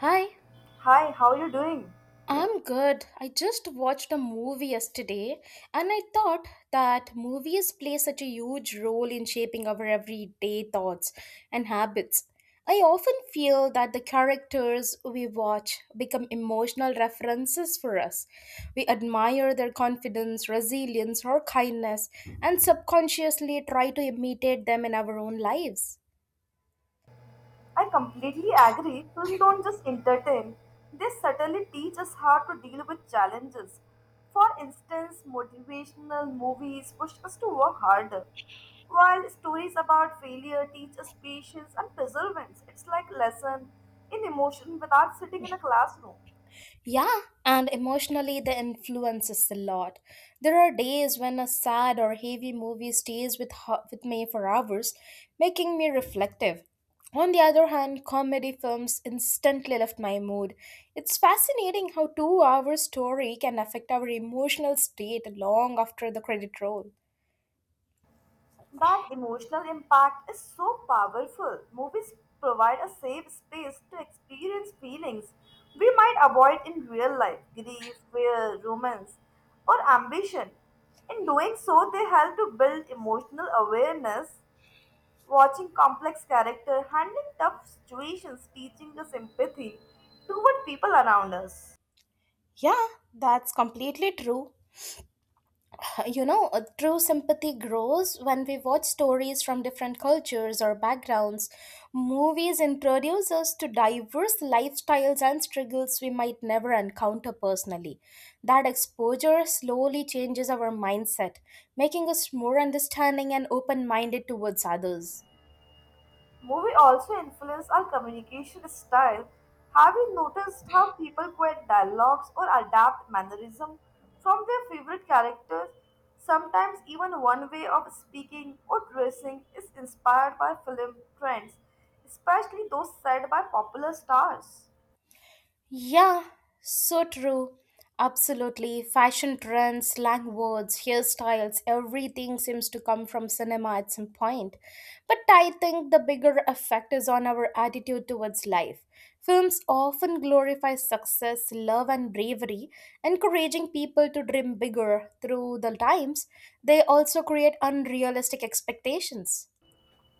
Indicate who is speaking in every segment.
Speaker 1: Hi,
Speaker 2: Hi, how are you doing?
Speaker 1: I'm good. I just watched a movie yesterday and I thought that movies play such a huge role in shaping our everyday thoughts and habits. I often feel that the characters we watch become emotional references for us. We admire their confidence, resilience, or kindness and subconsciously try to imitate them in our own lives.
Speaker 2: I completely agree. Films don't just entertain. They certainly teach us how to deal with challenges. For instance, motivational movies push us to work harder, while stories about failure teach us patience and perseverance. It's like a lesson in emotion without sitting in a classroom.
Speaker 1: Yeah, and emotionally, the influence is a lot. There are days when a sad or heavy movie stays with me for hours, making me reflective. On the other hand, comedy films instantly lift my mood. It's fascinating how 2 hour story can affect our emotional state long after the credit roll.
Speaker 2: That emotional impact is so powerful. Movies provide a safe space to experience feelings we might avoid in real life grief, fear, romance, or ambition. In doing so, they help to build emotional awareness, watching complex characters handling tough situations, teaching us empathy toward people around us.
Speaker 1: Yeah, that's completely true. True sympathy grows when we watch stories from different cultures or backgrounds. Movies introduce us to diverse lifestyles and struggles we might never encounter personally. That exposure slowly changes our mindset, making us more understanding and open minded towards others.
Speaker 2: Movie also influence our communication style. Have you noticed how people quote dialogues or adapt mannerism from their favorite characters? Sometimes even one way of speaking or dressing is inspired by film trends, especially those set by popular stars.
Speaker 1: Yeah, so true. Absolutely. Fashion trends, slang words, hairstyles, everything seems to come from cinema at some point. But I think the bigger effect is on our attitude towards life. Films often glorify success, love, and bravery, encouraging people to dream bigger through the times. They also create unrealistic expectations.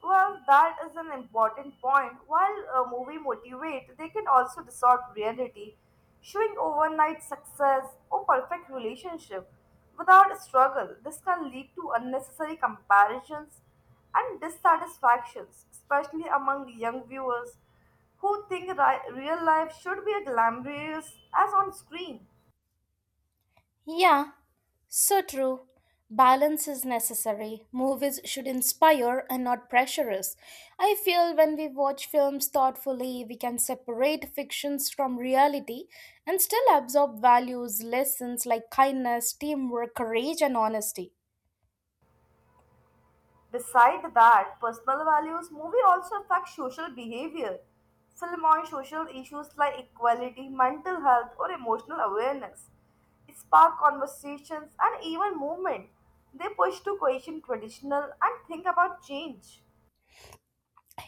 Speaker 2: Well, that is an important point. While a movie motivate, they can also distort reality, showing overnight success or perfect relationship without struggle. This can lead to unnecessary comparisons and dissatisfactions, especially among young viewers who think real life should be as glamorous as on screen.
Speaker 1: Yeah, so true. Balance is necessary. Movies should inspire and not pressure us. I feel when we watch films thoughtfully, we can separate fictions from reality and still absorb values, lessons like kindness, teamwork, courage, and honesty.
Speaker 2: Beside that, personal values movie also affect social behavior. Film on social issues like equality, mental health, or emotional awareness spark conversations and even movement. They push to question traditional and think about change.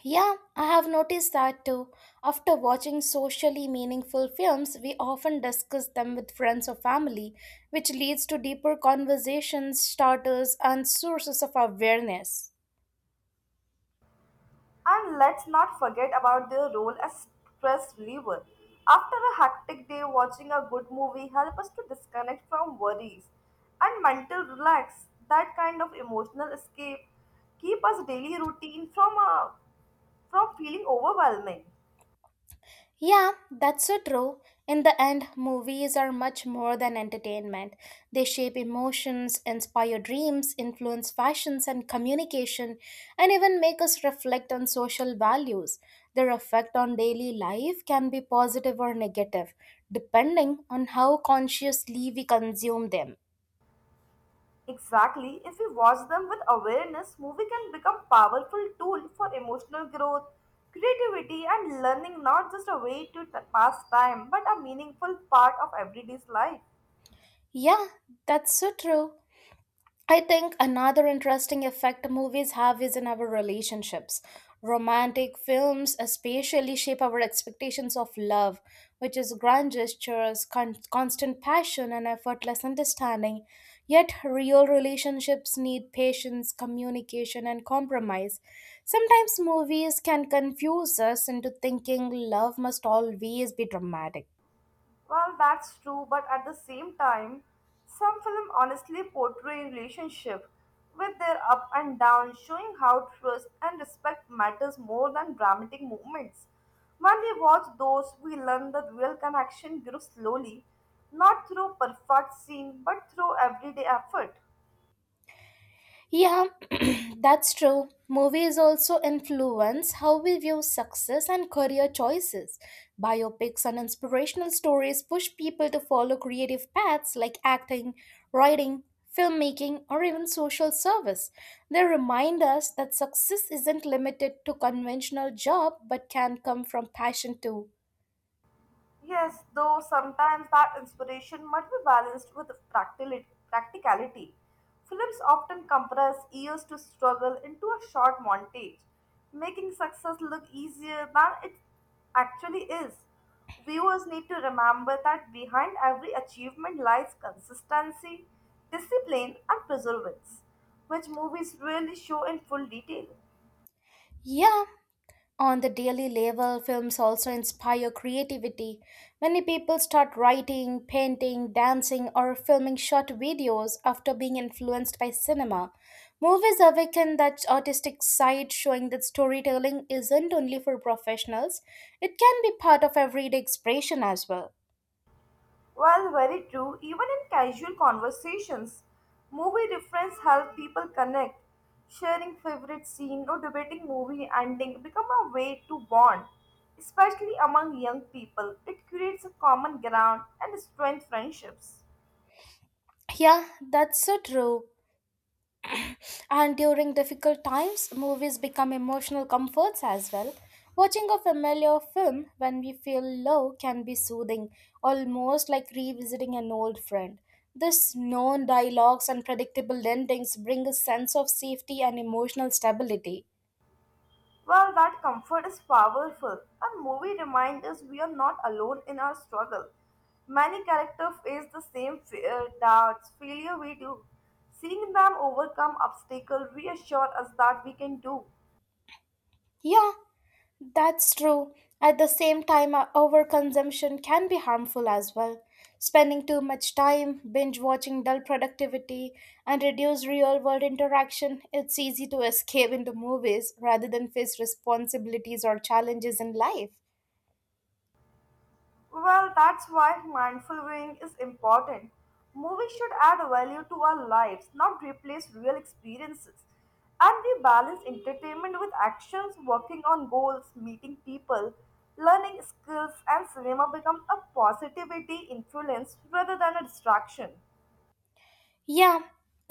Speaker 1: Yeah, I have noticed that too. After watching socially meaningful films, we often discuss them with friends or family, which leads to deeper conversations, starters, and sources of awareness.
Speaker 2: And let's not forget about their role as stress reliever. After a hectic day, watching a good movie helps us to disconnect from worries and mental relax. That kind of emotional escape keep us daily routine from feeling overwhelming.
Speaker 1: Yeah, that's so true. In the end, movies are much more than entertainment. They shape emotions, inspire dreams, influence fashions and communication, and even make us reflect on social values. Their effect on daily life can be positive or negative, depending on how consciously we consume them.
Speaker 2: Exactly, if we watch them with awareness, movie can become powerful tool for emotional growth, creativity and learning not just a way to pass time but a meaningful part of everyday's life.
Speaker 1: Yeah, that's so true. I think another interesting effect movies have is in our relationships. Romantic films especially shape our expectations of love, which is grand gestures, constant passion, and effortless understanding. Yet, real relationships need patience, communication, and compromise. Sometimes movies can confuse us into thinking love must always be dramatic.
Speaker 2: Well, that's true, but at the same time, some films honestly portray relationship with their up and down, showing how trust and respect matters more than dramatic moments. When we watch those, we learn that real connection grows slowly, not through perfect scene, but through everyday effort.
Speaker 1: Yeah, that's true. Movies also influence how we view success and career choices. Biopics and inspirational stories push people to follow creative paths like acting, writing, filmmaking, or even social service. They remind us that success isn't limited to conventional job but can come from passion too.
Speaker 2: Yes, though sometimes that inspiration must be balanced with practicality. Films often compress years to struggle into a short montage, making success look easier than it actually is. Viewers need to remember that behind every achievement lies consistency, discipline, and perseverance, which movies really show in full detail.
Speaker 1: Yeah, on the daily level, films also inspire creativity. Many people start writing, painting, dancing, or filming short videos after being influenced by cinema. Movies awaken that artistic side, showing that storytelling isn't only for professionals, it can be part of everyday expression as well.
Speaker 2: Well, very true. Even in casual conversations, movie reference help people connect. Sharing favorite scene or debating movie ending become a way to bond, especially among young people. It creates a common ground and strength friendships.
Speaker 1: Yeah, that's so true. And during difficult times, movies become emotional comforts as well. Watching a familiar film when we feel low can be soothing, almost like revisiting an old friend. This known dialogues and predictable endings bring a sense of safety and emotional stability.
Speaker 2: Well, that comfort is powerful. A movie reminds us we are not alone in our struggle. Many characters face the same fear, doubts, failure we do. Seeing them overcome obstacles reassures us that we can do.
Speaker 1: Yeah, that's true. At the same time, overconsumption can be harmful as well. Spending too much time, binge watching dull productivity, and reduce real world interaction, it's easy to escape into movies rather than face responsibilities or challenges in life.
Speaker 2: Well, that's why mindful viewing is important. Movies should add value to our lives, not replace real experiences. And we balance entertainment with actions, working on goals, meeting people, learning skills, and cinema become a positivity influence rather than a distraction.
Speaker 1: Yeah,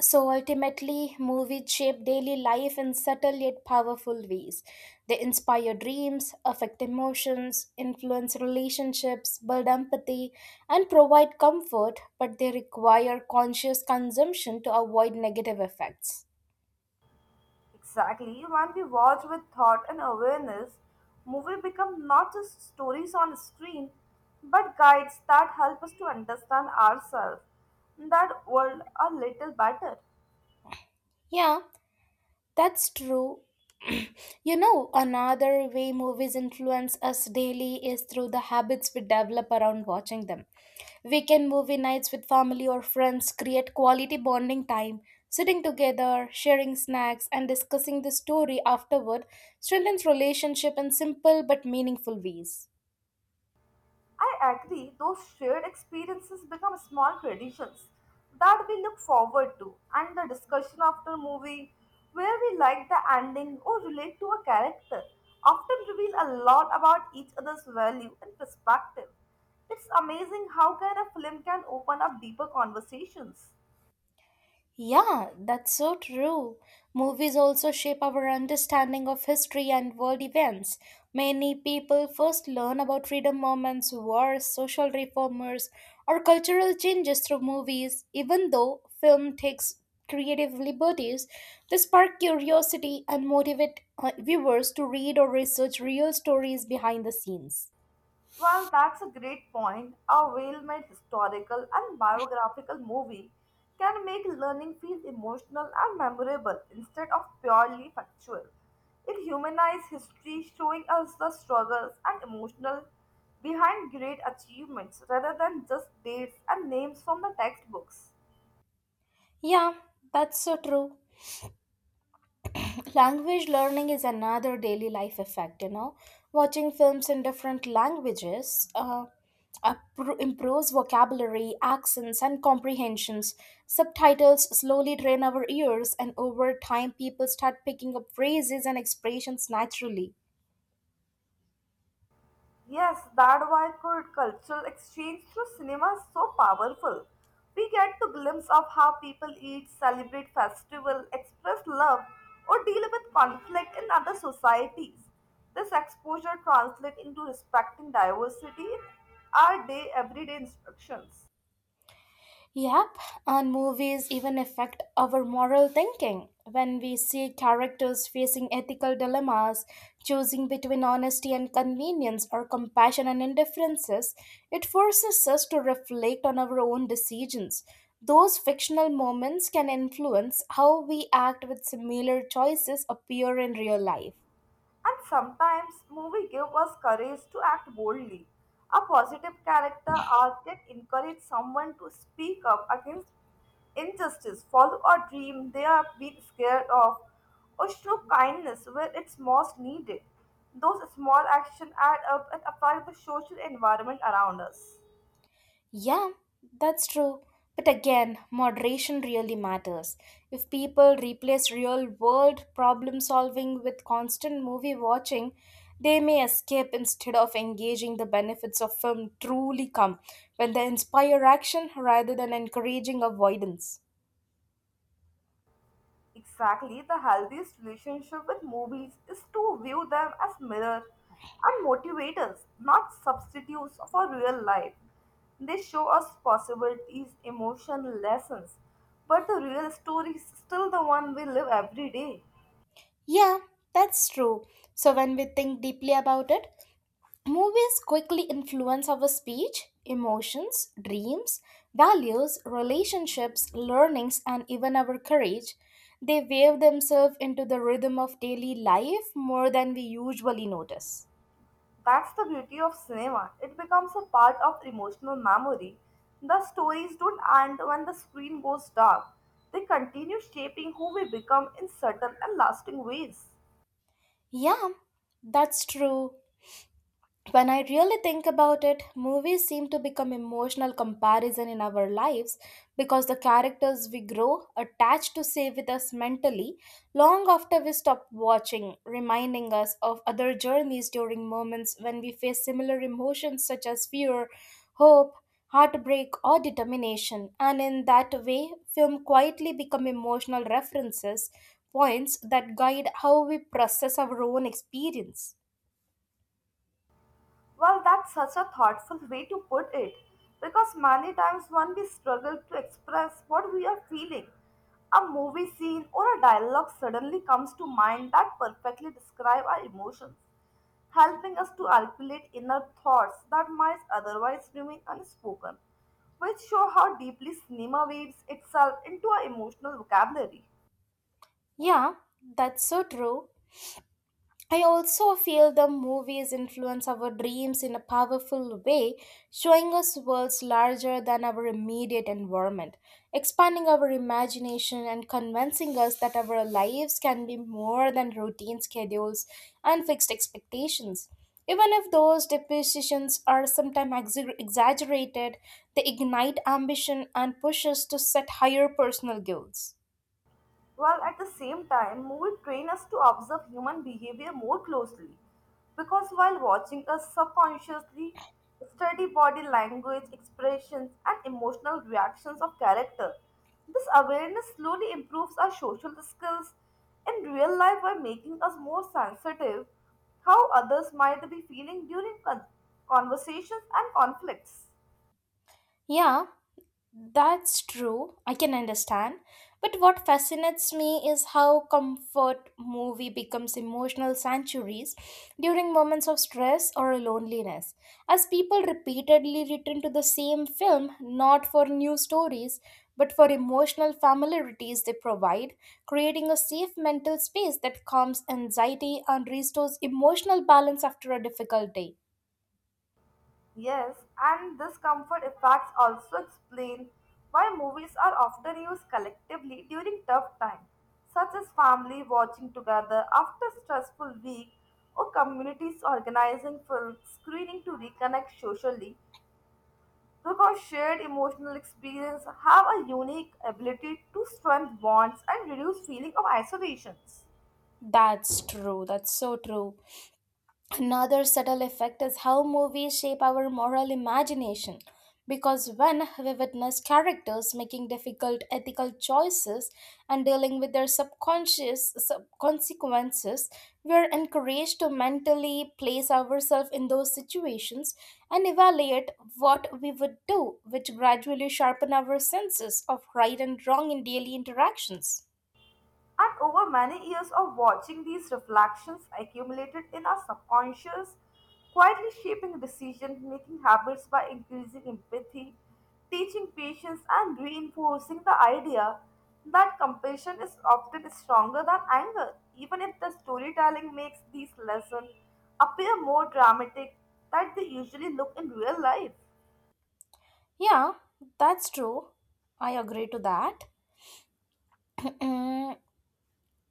Speaker 1: so ultimately, movies shape daily life in subtle yet powerful ways. They inspire dreams, affect emotions, influence relationships, build empathy, and provide comfort, but they require conscious consumption to avoid negative effects.
Speaker 2: Exactly. When we watch with thought and awareness, movie become not just stories on screen, but guides that help us to understand ourselves and that world a little better.
Speaker 1: Yeah, that's true. You know, another way movies influence us daily is through the habits we develop around watching them. Weekend movie nights with family or friends create quality bonding time. Sitting together, sharing snacks, and discussing the story afterward strengthens relationship in simple but meaningful ways.
Speaker 2: I agree, those shared experiences become small traditions that we look forward to, and the discussion after movie where we like the ending or relate to a character often reveal a lot about each other's value and perspective. It's amazing how kind of film can open up deeper conversations.
Speaker 1: Yeah, that's so true. Movies also shape our understanding of history and world events. Many people first learn about freedom movements, wars, social reformers, or cultural changes through movies. Even though film takes creative liberties, they spark curiosity and motivate viewers to read or research real stories behind the scenes.
Speaker 2: Well, that's a great point. A well made historical and biographical movie can make learning feel emotional and memorable instead of purely factual. It humanizes history, showing us the struggles and emotional behind great achievements rather than just dates and names from the textbooks.
Speaker 1: Yeah, that's so true. Language learning is another daily life effect. Watching films in different languages improves vocabulary, accents, and comprehensions. Subtitles slowly train our ears, and over time people start picking up phrases and expressions naturally.
Speaker 2: Yes, that's why could cultural exchange through cinema is so powerful. We get to glimpse of how people eat, celebrate festival, express love, or deal with conflict in other societies. This exposure translates into respecting diversity in our day everyday instructions.
Speaker 1: Yep, and movies even affect our moral thinking. When we see characters facing ethical dilemmas, choosing between honesty and convenience or compassion and indifferences, it forces us to reflect on our own decisions. Those fictional moments can influence how we act with similar choices appear in real life.
Speaker 2: And sometimes movie give us courage to act boldly. A positive character arc can encourage someone to speak up against injustice, follow a dream they are being scared of, or show kindness where it's most needed. Those small actions add up and affect the social environment around us.
Speaker 1: Yeah, that's true. But again, moderation really matters. If people replace real world problem solving with constant movie watching, they may escape instead of engaging. The benefits of film truly come when they inspire action rather than encouraging avoidance.
Speaker 2: Exactly, the healthiest relationship with movies is to view them as mirrors and motivators, not substitutes for real life. They show us possibilities, emotion, lessons, but the real story is still the one we live every day.
Speaker 1: Yeah, that's true. So when we think deeply about it, movies quickly influence our speech, emotions, dreams, values, relationships, learnings, and even our courage. They wave themselves into the rhythm of daily life more than we usually notice.
Speaker 2: That's the beauty of cinema. It becomes a part of emotional memory. The stories don't end when the screen goes dark. They continue shaping who we become in subtle and lasting ways.
Speaker 1: Yeah, that's true. When I really think about it, movies seem to become emotional comparison in our lives because the characters we grow attached to stay with us mentally long after we stop watching, reminding us of other journeys during moments when we face similar emotions such as fear, hope, heartbreak or determination. And in that way, film quietly become emotional references points that guide how we process our own experience.
Speaker 2: Well, that's such a thoughtful way to put it because many times when we struggle to express what we are feeling, a movie scene or a dialogue suddenly comes to mind that perfectly describe our emotions, helping us to articulate inner thoughts that might otherwise remain unspoken, which show how deeply cinema weaves itself into our emotional vocabulary.
Speaker 1: Yeah, that's so true. I also feel the movies influence our dreams in a powerful way, showing us worlds larger than our immediate environment, expanding our imagination and convincing us that our lives can be more than routine schedules and fixed expectations. Even if those depositions are sometimes exaggerated, they ignite ambition and push us to set higher personal goals.
Speaker 2: While at the same time, movies train us to observe human behavior more closely because while watching us subconsciously study body language, expressions, and emotional reactions of character. This awareness slowly improves our social skills in real life by making us more sensitive how others might be feeling during conversations and conflicts.
Speaker 1: Yeah, that's true, I can understand. But what fascinates me is how comfort movie becomes emotional sanctuaries during moments of stress or loneliness. As people repeatedly return to the same film, not for new stories, but for emotional familiarities they provide, creating a safe mental space that calms anxiety and restores emotional balance after a difficult day.
Speaker 2: Yes, and this comfort effects also explain why movies are often used collectively during tough times, such as family watching together after a stressful week or communities organizing film screening to reconnect socially because shared emotional experience have a unique ability to strengthen bonds and reduce feeling of isolations.
Speaker 1: That's true, that's so true. Another subtle effect is how movies shape our moral imagination. Because when we witness characters making difficult ethical choices and dealing with their consequences, we are encouraged to mentally place ourselves in those situations and evaluate what we would do, which gradually sharpen our senses of right and wrong in daily interactions.
Speaker 2: And over many years of watching these reflections accumulated in our subconscious, quietly shaping decision making habits by increasing empathy, teaching patience, and reinforcing the idea that compassion is often stronger than anger, even if the storytelling makes these lessons appear more dramatic than they usually look in real life.
Speaker 1: Yeah, that's true. I agree to that. Mm,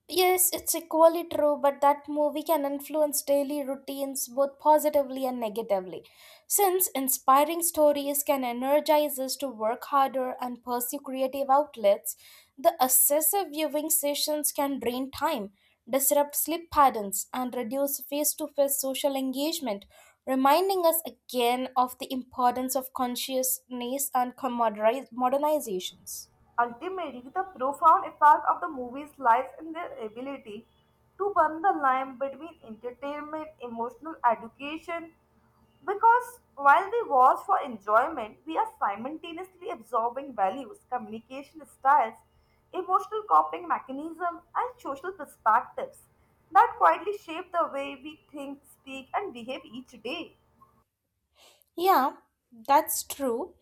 Speaker 1: yes, it's equally true, but that movie can influence daily routines both positively and negatively. Since inspiring stories can energize us to work harder and pursue creative outlets, the excessive viewing sessions can drain time, disrupt sleep patterns, and reduce face to face social engagement, reminding us again of the importance of consciousness and modernizations.
Speaker 2: Ultimately, the profound effect of the movies lies in their ability to burn the line between entertainment, emotional education, because while we watch for enjoyment, we are simultaneously absorbing values, communication styles, emotional coping mechanisms, and social perspectives that quietly shape the way we think, speak, and behave each day.
Speaker 1: Yeah, that's true.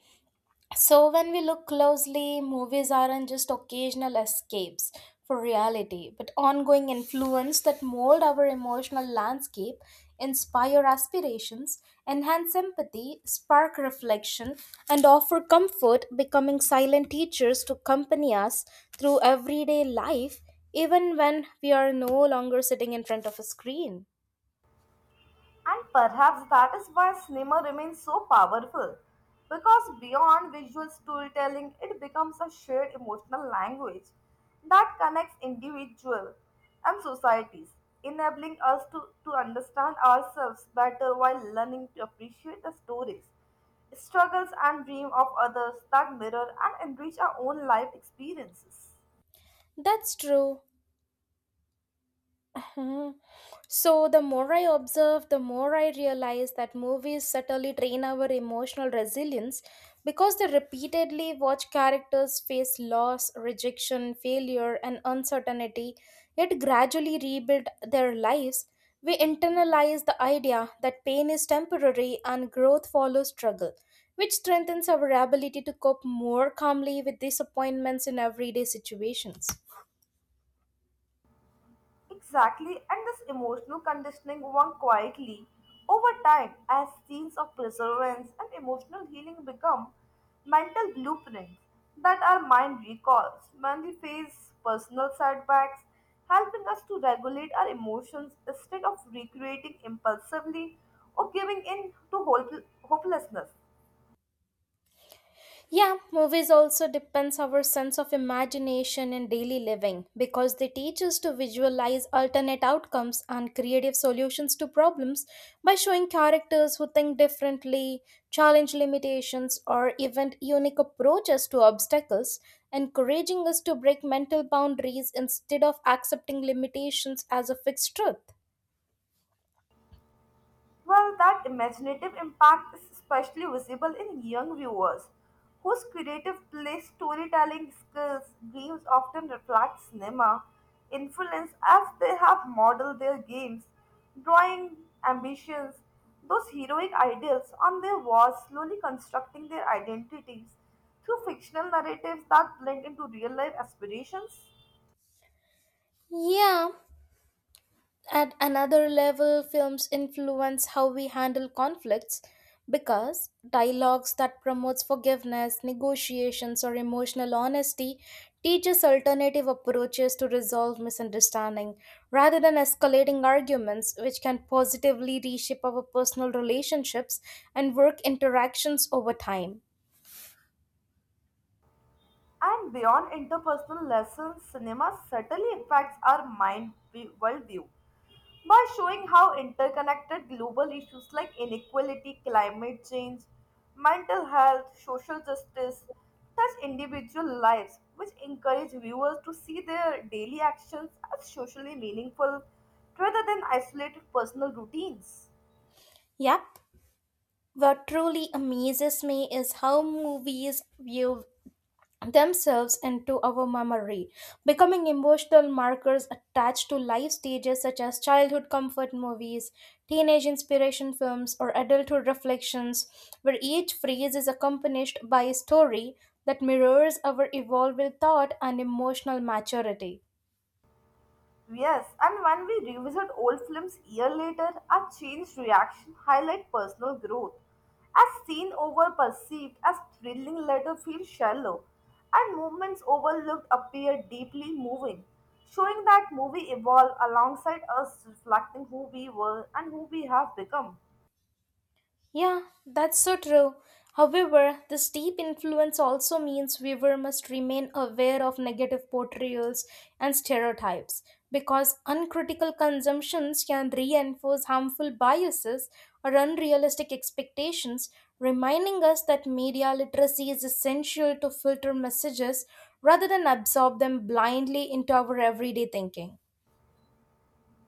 Speaker 1: So, when we look closely, movies aren't just occasional escapes for reality, but ongoing influence that mold our emotional landscape, inspire aspirations, enhance empathy, spark reflection, and offer comfort, becoming silent teachers to accompany us through everyday life, even when we are no longer sitting in front of a screen.
Speaker 2: And perhaps that is why cinema remains so powerful. Because beyond visual storytelling, it becomes a shared emotional language that connects individuals and societies, enabling us to understand ourselves better while learning to appreciate the stories, struggles, and dreams of others that mirror and enrich our own life experiences.
Speaker 1: That's true. Hmm. So, the more I observe, the more I realize that movies subtly train our emotional resilience because they repeatedly watch characters face loss, rejection, failure, and uncertainty, yet gradually rebuild their lives. We internalize the idea that pain is temporary and growth follows struggle, which strengthens our ability to cope more calmly with disappointments in everyday situations.
Speaker 2: Exactly, and this emotional conditioning won quietly over time as scenes of perseverance and emotional healing become mental blueprints that our mind recalls when we face personal setbacks, helping us to regulate our emotions instead of recreating impulsively or giving in to hopelessness.
Speaker 1: Yeah, movies also depends our sense of imagination in daily living because they teach us to visualize alternate outcomes and creative solutions to problems by showing characters who think differently, challenge limitations, or even unique approaches to obstacles, encouraging us to break mental boundaries instead of accepting limitations as a fixed truth.
Speaker 2: Well, that imaginative impact is especially visible in young viewers, whose creative play storytelling skills games often reflect cinema influence as they have modeled their games, drawing ambitions, those heroic ideals on their walls, slowly constructing their identities through fictional narratives that blend into real life aspirations.
Speaker 1: Yeah, at another level, films influence how we handle conflicts because dialogues that promotes forgiveness, negotiations or emotional honesty teaches alternative approaches to resolve misunderstanding rather than escalating arguments which can positively reshape our personal relationships and work interactions over time.
Speaker 2: And beyond interpersonal lessons, cinema subtly impacts our mind worldview by showing how interconnected global issues like inequality, climate change, mental health, social justice touch individual lives, which encourage viewers to see their daily actions as socially meaningful rather than isolated personal routines.
Speaker 1: Yep. What truly amazes me is how movies view themselves into our memory, becoming emotional markers attached to life stages such as childhood comfort movies, teenage inspiration films, or adulthood reflections, where each phrase is accompanied by a story that mirrors our evolving thought and emotional maturity.
Speaker 2: Yes, and when we revisit old films year later, our changed reaction highlight personal growth. As seen over perceived as thrilling later feel shallow, and moments overlooked appear deeply moving, showing that movie evolved alongside us reflecting who we were and who we have become.
Speaker 1: Yeah, that's so true. However, this deep influence also means viewer must remain aware of negative portrayals and stereotypes because uncritical consumptions can reinforce harmful biases or unrealistic expectations, reminding us that media literacy is essential to filter messages rather than absorb them blindly into our everyday thinking.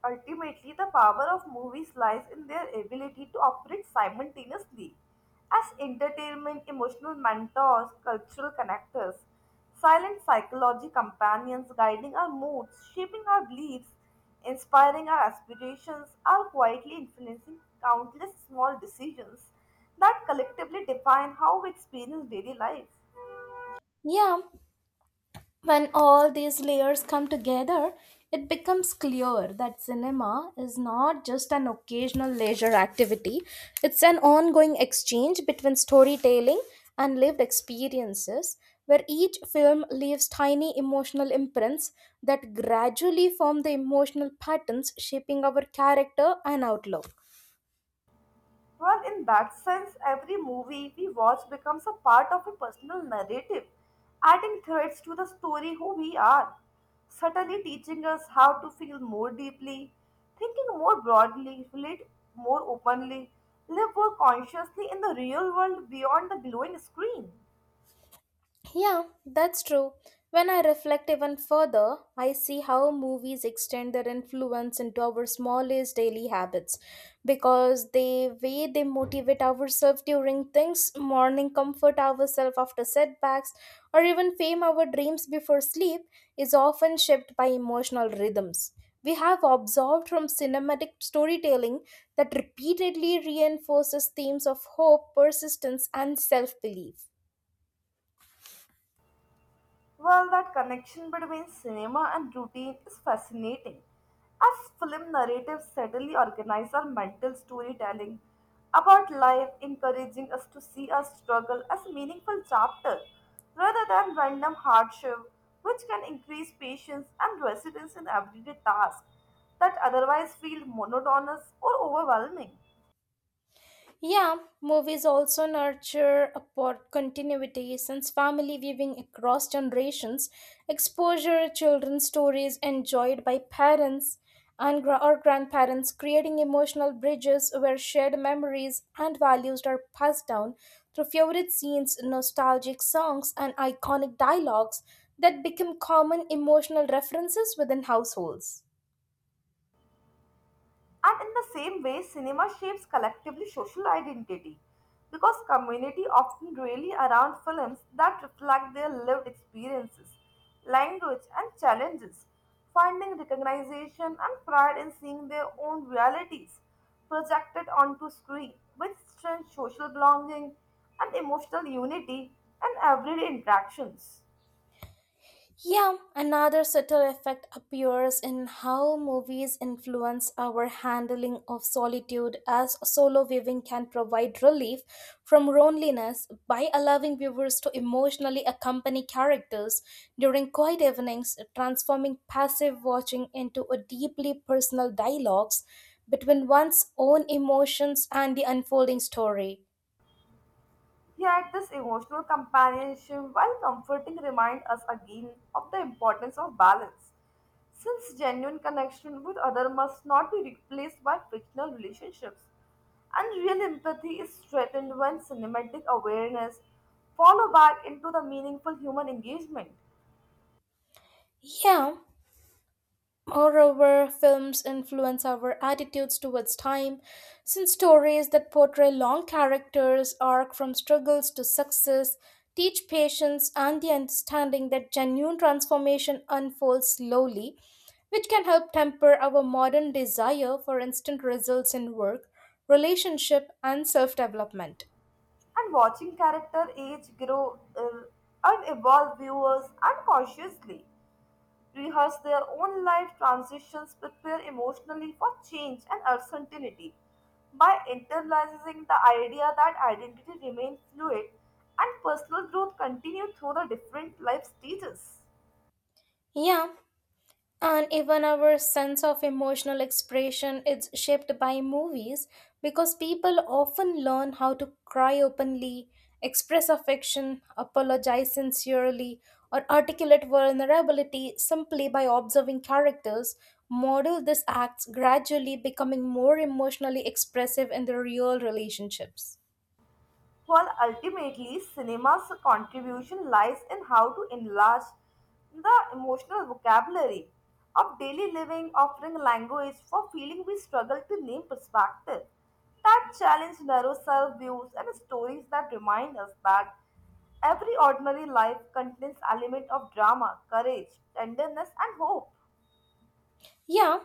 Speaker 2: Ultimately, the power of movies lies in their ability to operate simultaneously as entertainment, emotional mentors, cultural connectors, silent psychology companions guiding our moods, shaping our beliefs, inspiring our aspirations, are quietly influencing countless small decisions that collectively define how we experience daily life.
Speaker 1: Yeah, when all these layers come together, it becomes clear that cinema is not just an occasional leisure activity, it's an ongoing exchange between storytelling and lived experiences, where each film leaves tiny emotional imprints that gradually form the emotional patterns shaping our character and outlook.
Speaker 2: Well, in that sense, every movie we watch becomes a part of a personal narrative, adding threads to the story who we are, subtly teaching us how to feel more deeply, thinking more broadly, relate more openly, live more consciously in the real world beyond the glowing screen.
Speaker 1: Yeah, that's true. When I reflect even further, I see how movies extend their influence into our smallest daily habits because the way they motivate ourselves during things, morning comfort ourselves after setbacks, or even frame our dreams before sleep is often shaped by emotional rhythms. We have observed from cinematic storytelling that repeatedly reinforces themes of hope, persistence, and self belief.
Speaker 2: Well, that connection between cinema and routine is fascinating, as film narratives subtly organize our mental storytelling about life, encouraging us to see our struggle as a meaningful chapter rather than random hardship, which can increase patience and resilience in everyday tasks that otherwise feel monotonous or overwhelming.
Speaker 1: Yeah, movies also nurture upward continuity since family viewing across generations, exposure children's stories enjoyed by parents and or grandparents, creating emotional bridges where shared memories and values are passed down through favorite scenes, nostalgic songs, and iconic dialogues that become common emotional references within households.
Speaker 2: And in the same way, cinema shapes collectively social identity because community often rally around films that reflect their lived experiences, language, and challenges, finding recognition and pride in seeing their own realities projected onto screen, which strengthens social belonging and emotional unity in everyday interactions.
Speaker 1: Yeah, another subtle effect appears in how movies influence our handling of solitude, as solo viewing can provide relief from loneliness by allowing viewers to emotionally accompany characters during quiet evenings, transforming passive watching into a deeply personal dialogues between one's own emotions and the unfolding story.
Speaker 2: Yet, this emotional companionship, while comforting, reminds us again of the importance of balance, since genuine connection with other must not be replaced by fictional relationships. And real empathy is threatened when cinematic awareness follow back into the meaningful human engagement.
Speaker 1: Yeah, moreover, films influence our attitudes towards time, since stories that portray long characters' arc from struggles to success teach patience and the understanding that genuine transformation unfolds slowly, which can help temper our modern desire for instant results in work, relationship, and self development.
Speaker 2: And watching character age, grow, and evolve viewers unconsciously rehearse their own life transitions, prepare emotionally for change and uncertainty, by internalizing the idea that identity remains fluid and personal growth continue through the different life stages.
Speaker 1: Yeah, and even our sense of emotional expression is shaped by movies because people often learn how to cry openly, express affection, apologize sincerely, or articulate vulnerability simply by observing characters model these acts gradually becoming more emotionally expressive in their real relationships.
Speaker 2: While ultimately cinema's contribution lies in how to enlarge the emotional vocabulary of daily living, offering language for feeling we struggle to name, perspective that challenge narrow self views, and stories that remind us that every ordinary life contains element of drama, courage, tenderness, and hope.
Speaker 1: Yeah,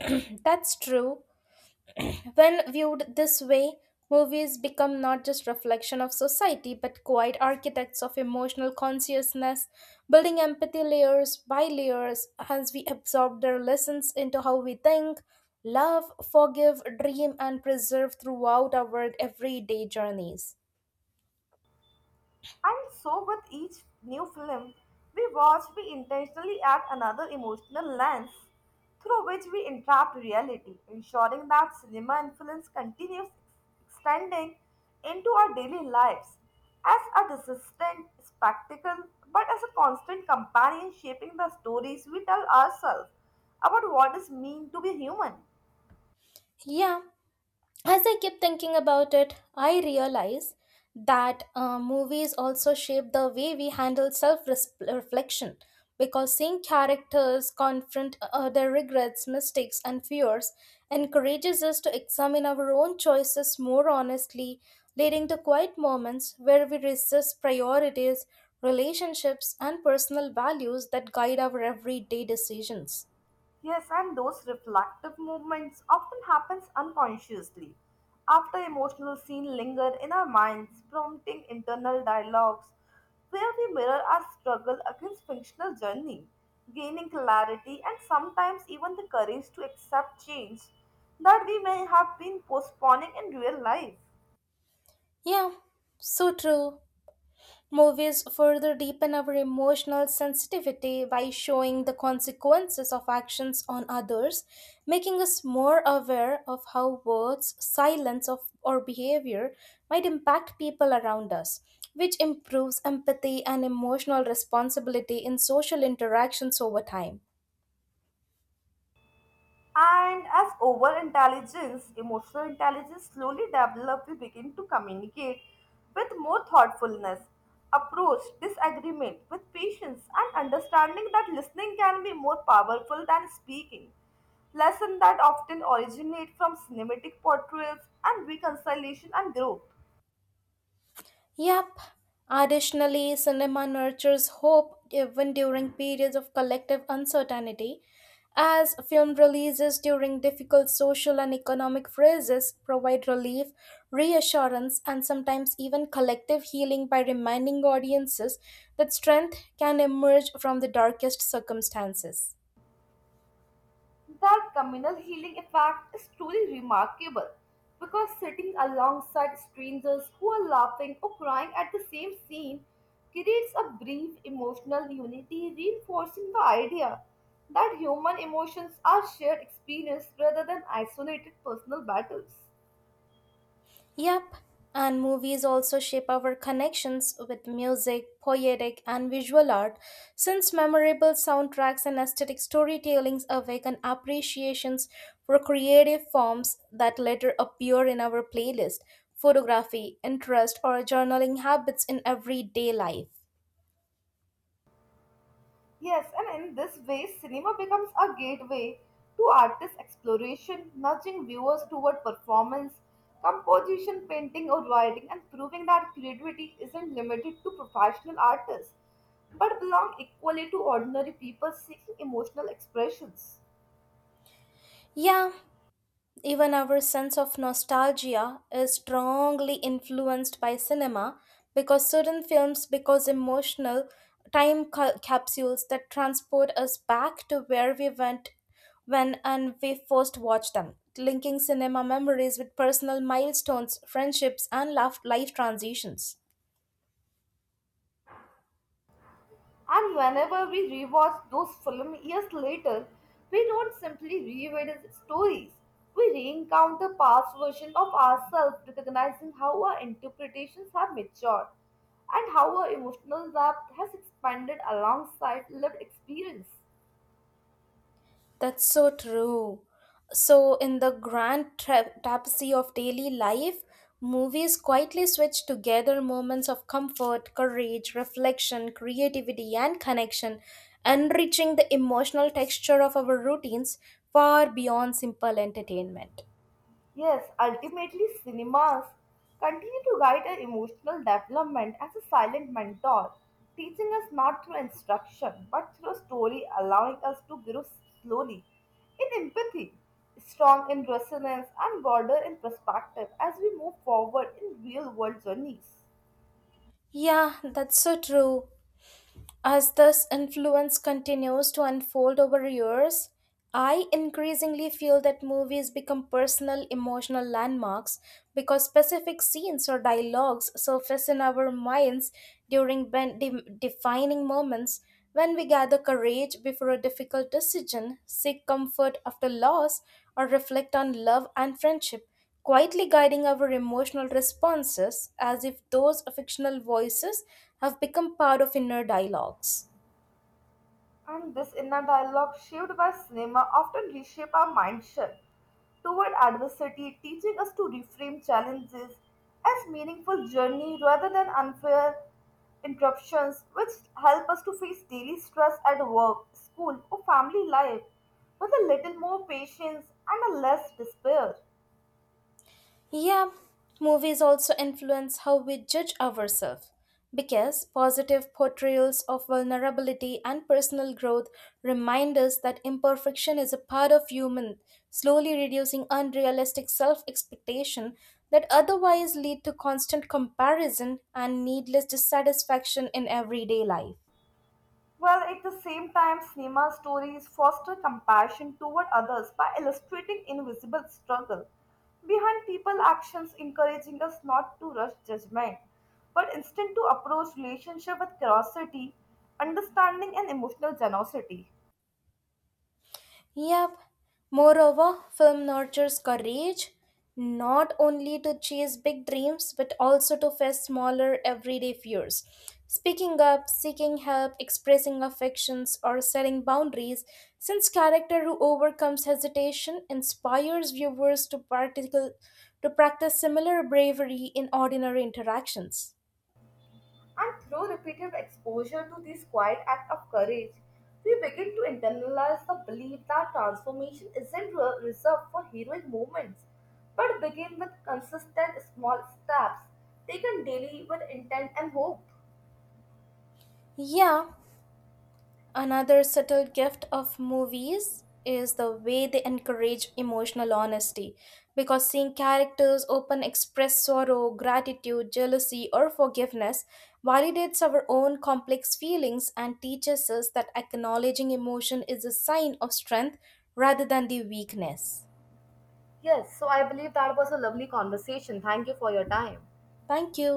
Speaker 1: that's true. When viewed this way, movies become not just reflection of society but quiet architects of emotional consciousness, building empathy layers by layers as we absorb their lessons into how we think, love, forgive, dream and preserve throughout our everyday journeys.
Speaker 2: And so, with each new film we watch, we intentionally add another emotional lens through which we entrap reality, ensuring that cinema influence continues extending into our daily lives as a distant spectacle but as a constant companion shaping the stories we tell ourselves about what it means to be human.
Speaker 1: Yeah, as I keep thinking about it, I realize that movies also shape the way we handle self reflection because seeing characters confront their regrets, mistakes, and fears encourages us to examine our own choices more honestly, leading to quiet moments where we resist priorities, relationships, and personal values that guide our everyday decisions.
Speaker 2: Yes, and those reflective movements often happens unconsciously. After emotional scene linger in our minds, prompting internal dialogues where we mirror our struggle against functional journey, gaining clarity and sometimes even the courage to accept change that we may have been postponing in real life.
Speaker 1: Yeah, so true. Movies further deepen our emotional sensitivity by showing the consequences of actions on others, making us more aware of how words, silence, of, or behavior might impact people around us, which improves empathy and emotional responsibility in social interactions over time.
Speaker 2: And as over intelligence, emotional intelligence slowly develop, we begin to communicate with more thoughtfulness, approach disagreement with patience, and understanding that listening can be more powerful than speaking. Lessons that often originate from cinematic portrayals and reconciliation and growth.
Speaker 1: Yep. Additionally, cinema nurtures hope even during periods of collective uncertainty, as film releases during difficult social and economic phases provide relief, reassurance, and sometimes even collective healing by reminding audiences that strength can emerge from the darkest circumstances.
Speaker 2: That communal healing effect is truly remarkable because sitting alongside strangers who are laughing or crying at the same scene creates a brief emotional unity, reinforcing the idea that human emotions are shared experience rather than isolated personal battles.
Speaker 1: Yep, and movies also shape our connections with music, poetic, and visual art, since memorable soundtracks and aesthetic storytellings awaken appreciations for creative forms that later appear in our playlist, photography, interest, or journaling habits in everyday life.
Speaker 2: Yes, and in this way, cinema becomes a gateway to artist exploration, nudging viewers toward performance, composition, painting, or writing, and proving that creativity isn't limited to professional artists but belong equally to ordinary people seeking emotional expressions.
Speaker 1: Yeah, even our sense of nostalgia is strongly influenced by cinema because certain films because emotional capsules that transport us back to where we went when and we first watched them linking cinema memories with personal milestones friendships and life transitions.
Speaker 2: And whenever we rewatch those films years later, we don't simply revisit the stories. We reencount the past versions of ourselves, recognizing how our interpretations have matured and how our emotional depth has expanded alongside lived experience.
Speaker 1: That's so true. So, in the grand tapestry of daily life, movies quietly switch together moments of comfort, courage, reflection, creativity, and connection, enriching the emotional texture of our routines far beyond simple entertainment.
Speaker 2: Yes, ultimately, cinemas continue to guide our emotional development as a silent mentor, teaching us not through instruction but through story, allowing us to grow slowly in empathy, strong in resonance, and broader in perspective as we move forward in real world journeys.
Speaker 1: Yeah, that's so true. As this influence continues to unfold over years, I increasingly feel that movies become personal emotional landmarks because specific scenes or dialogues surface in our minds during defining moments when we gather courage before a difficult decision, seek comfort after loss, or reflect on love and friendship quietly guiding our emotional responses as if those fictional voices have become part of inner dialogues.
Speaker 2: And this inner dialogue shaped by cinema often reshape our mindset toward adversity, teaching us to reframe challenges as meaningful journey rather than unfair interruptions, which help us to face daily stress at work, school, or family life with a little more patience and a less despair.
Speaker 1: Yeah, movies also influence how we judge ourselves because positive portrayals of vulnerability and personal growth remind us that imperfection is a part of human, slowly reducing unrealistic self expectation that otherwise lead to constant comparison and needless dissatisfaction in everyday life.
Speaker 2: Well, at the same time, cinema stories foster compassion toward others by illustrating invisible struggle behind people actions, encouraging us not to rush judgment, but instead to approach relationship with curiosity, understanding, and emotional generosity.
Speaker 1: Yep. Moreover, film nurtures courage not only to chase big dreams but also to face smaller everyday fears. Speaking up, seeking help, expressing affections, or setting boundaries, since character who overcomes hesitation inspires viewers to practical to practice similar bravery in ordinary interactions.
Speaker 2: And through repeated exposure to this quiet act of courage, we begin to internalize the belief that transformation isn't reserved for heroic movements, but begin with consistent small steps taken daily with intent and hope.
Speaker 1: Yeah, another subtle gift of movies is the way they encourage emotional honesty because seeing characters open express sorrow, gratitude, jealousy, or forgiveness validates our own complex feelings and teaches us that acknowledging emotion is a sign of strength rather than the weakness.
Speaker 2: Yes, so I believe that was a lovely conversation. Thank you for your time.
Speaker 1: Thank you.